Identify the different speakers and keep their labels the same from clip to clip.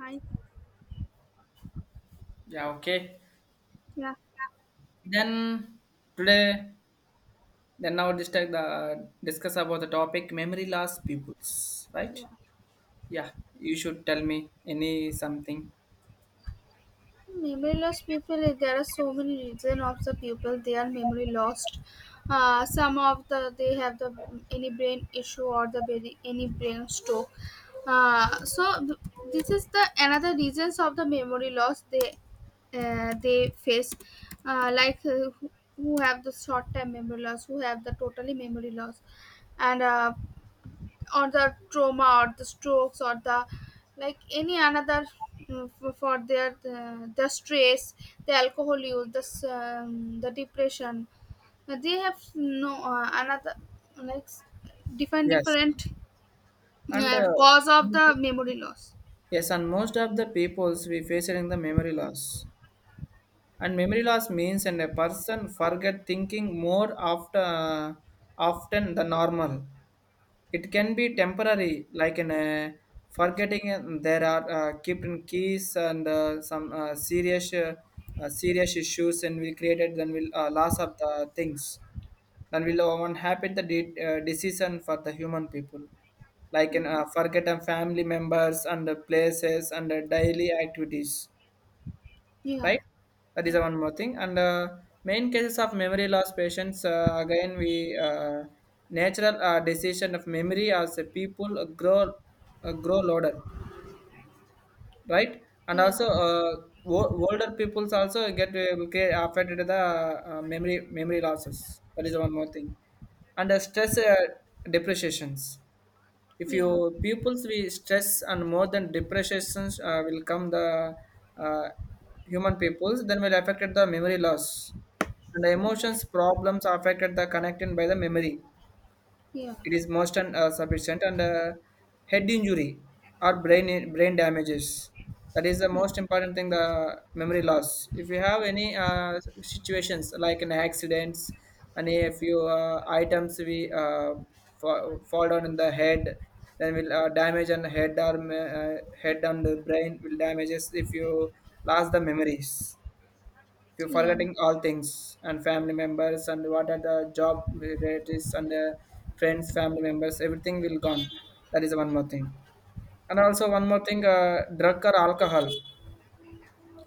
Speaker 1: I,
Speaker 2: Yeah, okay.
Speaker 1: yeah,
Speaker 2: Then today, then now just take the discuss about the topic memory loss peoples, right?
Speaker 1: yeah.
Speaker 2: Yeah, you should tell me any something.
Speaker 1: Memoryless people. There are so many reason of the people they are memory lost. Some of the they have the any brain issue or the very any brain stroke. Uh, so th- this is the another reasons of the memory loss they face who have the short term memory loss who have the totally memory loss and or the trauma or the strokes or the like any another for their the stress the alcohol use the the depression. They have no another like s- different
Speaker 2: Yes,
Speaker 1: different
Speaker 2: and
Speaker 1: cause of the memory loss.
Speaker 2: yes, and most of the peoples we face in the memory loss. And memory loss means and a person forget thinking more after often the normal. It can be temporary, like in a forgetting. There are kept in keys and some serious, serious issues, and we created then will loss of the things. Then will one happen the decision for the human people, like in
Speaker 1: Yeah,
Speaker 2: forget and family members and the places and the daily activities,
Speaker 1: yeah,
Speaker 2: right? That is
Speaker 1: yeah,
Speaker 2: one more thing. And main cases of memory loss patients, again, we natural decision of memory as a people grow older, right? And
Speaker 1: yeah,
Speaker 2: also, older peoples also get affected the uh, memory losses. That is one more thing. And stress depreciations if
Speaker 1: yeah,
Speaker 2: your pupils we stress and more than depressions will come the uh, human pupils then will affected the memory loss, and the
Speaker 1: yeah,
Speaker 2: emotions problems affected the connected by the memory.
Speaker 1: yeah, yeah,
Speaker 2: It is most and sufficient and head injury or brain damages. That is the most important thing. The memory loss. If you have any situations like an accidents, any if you items we fall down in the head, then will damage on the head or head and the brain will damages if you lost the memories, if you're
Speaker 1: yeah,
Speaker 2: forgetting all things and family members and what are the job, relatives and friends, family members, everything will gone. That is one more thing. And also one more thing, drug or alcohol.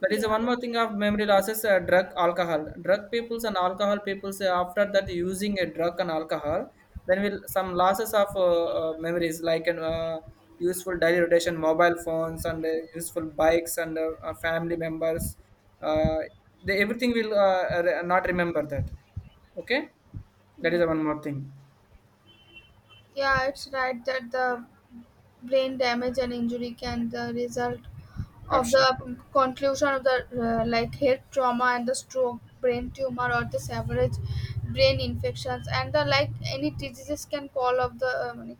Speaker 2: That is one more thing of memory losses, drug, alcohol. Drug peoples and alcohol peoples, after that using a drug and alcohol, then will some losses of memories like an useful daily rotation, mobile phones and useful bikes and family members. Uh, they, everything will not remember that. Okay? That
Speaker 1: yeah,
Speaker 2: is one more thing.
Speaker 1: yeah, it's right that the brain damage and injury can the result of
Speaker 2: Absolutely.
Speaker 1: the conclusion of the like head trauma and the stroke brain tumor or the severage brain infections and the like any diseases can call of the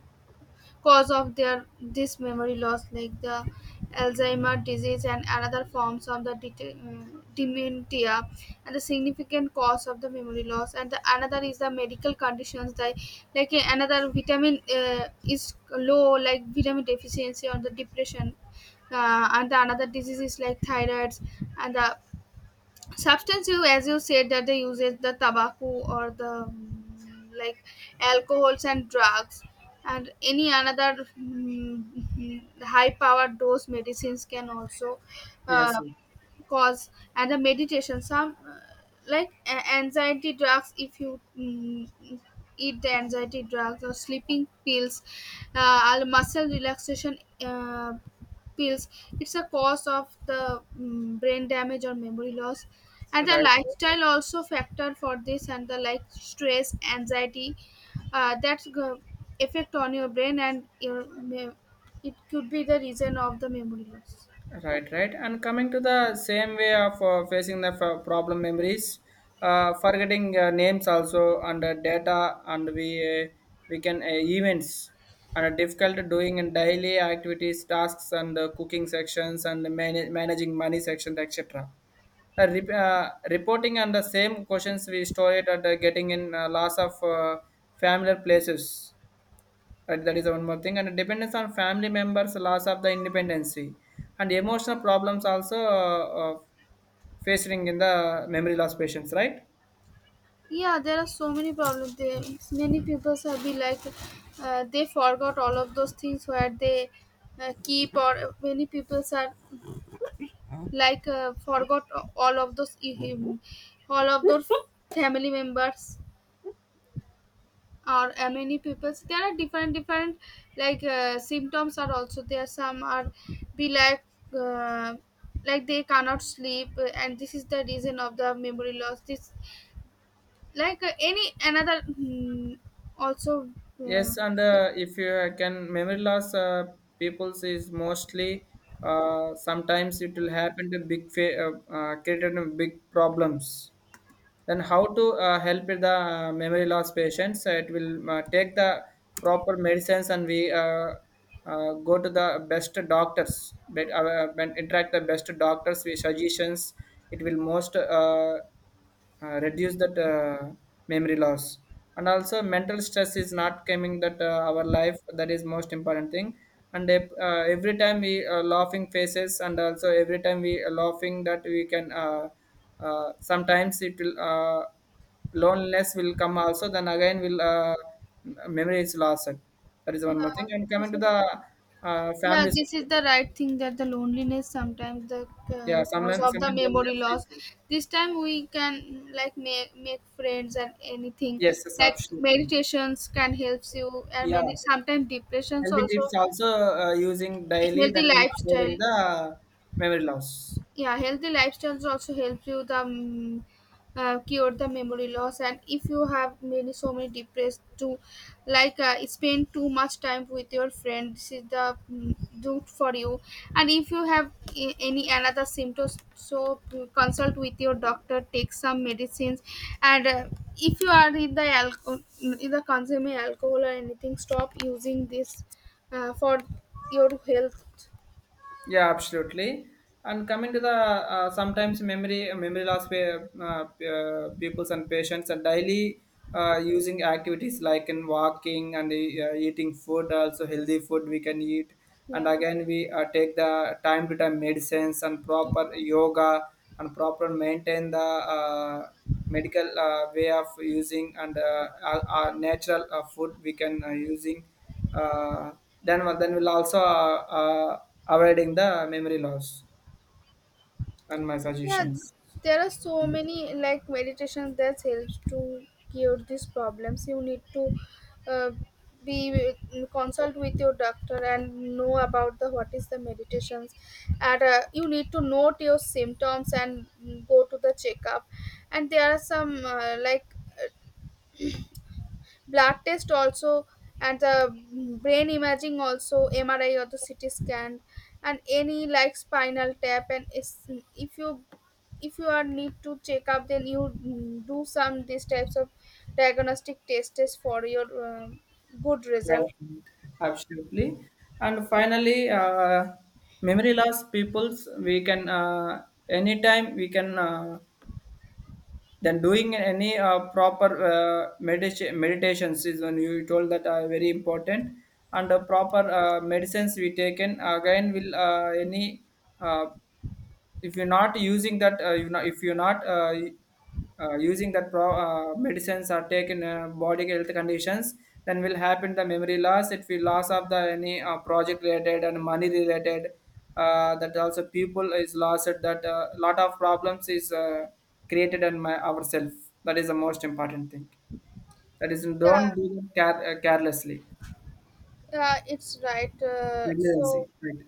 Speaker 1: cause of their this memory loss like the alzheimer disease and another forms of the dementia and the significant cause of the memory loss, and the another is the medical conditions that like another vitamin is low like vitamin deficiency or the depression. And the another disease is like thyroids, and the substance you, as you said that they use it the tobacco or the like alcohols and drugs and any another high power dose medicines can also
Speaker 2: Yes.
Speaker 1: uh,
Speaker 2: Yes.
Speaker 1: cause. And the meditation, some like anxiety drugs if you eat the anxiety drugs or sleeping pills, or muscle relaxation uh, pills, it's a cause of the brain damage or memory loss. And the
Speaker 2: Right.
Speaker 1: lifestyle also factor for this and the like stress anxiety, uh, that's go- effect on your brain and your it could be the reason of the memory loss.
Speaker 2: Right, right. And coming to the same way of facing the problem memories, forgetting names also and data and we can events and difficult doing in daily activities, tasks and cooking sections and managing money sections etc. Reporting and the same questions we store it at getting in loss of familiar places. Right, that is one more thing. And dependence on family members, loss of the independency, and emotional problems also facing in the memory loss patients, right?
Speaker 1: Yeah, there are so many problems there. Many people have been like they forgot all of those things where they keep, or many people are like forgot all of those um, all of those family members, or many people there are different like symptoms are also there. Some are be like uh, they cannot sleep and this is the reason of the memory loss this like any another also uh,
Speaker 2: Yes, and
Speaker 1: si-
Speaker 2: if you can, memory loss people's is mostly sometimes it will happen to created big problems, then how to help with the memory loss patients. It will take the proper medicines, and we go to the best doctors, but when interact the best doctors with suggestions, it will most reduce that memory loss, and also mental stress is not coming that our life. That is most important thing. And if, every time we laughing faces and also every time we are laughing, that we can sometimes it will loneliness will come also, then again will memory is lost. That is one
Speaker 1: yeah,
Speaker 2: more thing, and coming
Speaker 1: this
Speaker 2: to
Speaker 1: is,
Speaker 2: the
Speaker 1: yeah,
Speaker 2: family
Speaker 1: this is
Speaker 2: support.
Speaker 1: the right thing that the loneliness sometimes the
Speaker 2: Yeah,
Speaker 1: cause
Speaker 2: sometimes
Speaker 1: of the
Speaker 2: sometimes
Speaker 1: memory
Speaker 2: loneliness is.
Speaker 1: loss. This time we can make friends and anything
Speaker 2: Yes, yes,
Speaker 1: like
Speaker 2: absolutely.
Speaker 1: meditations can help you, and
Speaker 2: Yeah,
Speaker 1: many sometimes depressions
Speaker 2: healthy tips
Speaker 1: also.
Speaker 2: also using daily,
Speaker 1: Healthy
Speaker 2: then we'll
Speaker 1: lifestyle,
Speaker 2: avoiding the memory loss.
Speaker 1: yeah, healthy lifestyles also help you the cure the memory loss. And if you have many so many depressed to like spend too much time with your friend, this is the good for you. And if you have any another symptoms, so consult with your doctor, take some medicines. And If you are in the alcohol in the consuming alcohol or anything, stop using this for your health,
Speaker 2: Yeah, absolutely. And coming to the sometimes memory loss where pupils and patients are daily using activities like in walking and eating food, also healthy food we can eat. And
Speaker 1: yeah.
Speaker 2: again, we take the time to time medicines and proper yoga, and proper maintain the medical way of using and our natural food we can using uh, then we'll also avoiding the memory loss, and my
Speaker 1: Yeah,
Speaker 2: suggestions.
Speaker 1: there are so many like meditations that helps to cure these problems. You need to uh, be consult with your doctor and know about the what is the meditations. And You need to note your symptoms and go to the checkup. And there are some like blood test also, and the brain imaging also mri or the ct scan, and any like spinal tap and if you are need to check up, then you do some these types of diagnostic tests for your good result.
Speaker 2: Right. Absolutely. And finally, memory loss peoples, we can anytime we can then doing any proper meditations is when you told that are very important, and the proper medicines we taken again will any uh, if you're not using that you know if you're not using that medicines or taken body health conditions, then will happen the memory loss. It will loss of the any project related and money related that also people is lost at that lot of problems is created on my ourselves. That is the most important thing. That is
Speaker 1: Yeah,
Speaker 2: don't do it care, carelessly,
Speaker 1: yeah, it's right,
Speaker 2: negligency, right?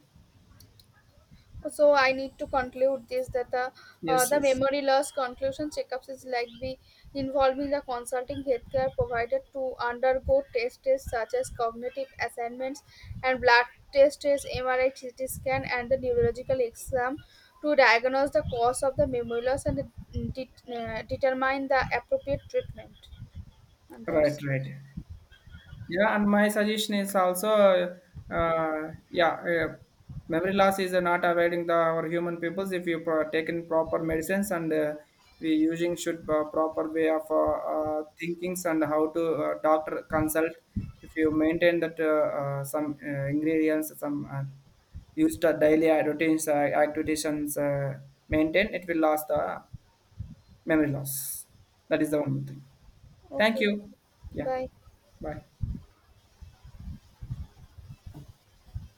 Speaker 1: so I need to conclude this that
Speaker 2: Yes,
Speaker 1: the
Speaker 2: yes,
Speaker 1: memory loss conclusion checkups is likely involving the consulting healthcare provider to undergo test tests such as cognitive assessments and blood test tests, MRI, scan, and the neurological exam to diagnose the cause of the memory loss and determine the appropriate treatment. And
Speaker 2: right,
Speaker 1: that's
Speaker 2: right. Yeah, and my suggestion is also, uh, yeah, uh, memory loss is not avoiding the our human peoples if you taken proper medicines, and we using should proper way of thinkings and how to doctor consult. If you maintain that some ingredients, some used daily routines, activities, uh, maintain, it will last the memory loss. That
Speaker 1: yeah.
Speaker 2: is the one thing. Thank
Speaker 1: Okay.
Speaker 2: you. Yeah.
Speaker 1: Bye.
Speaker 2: Bye.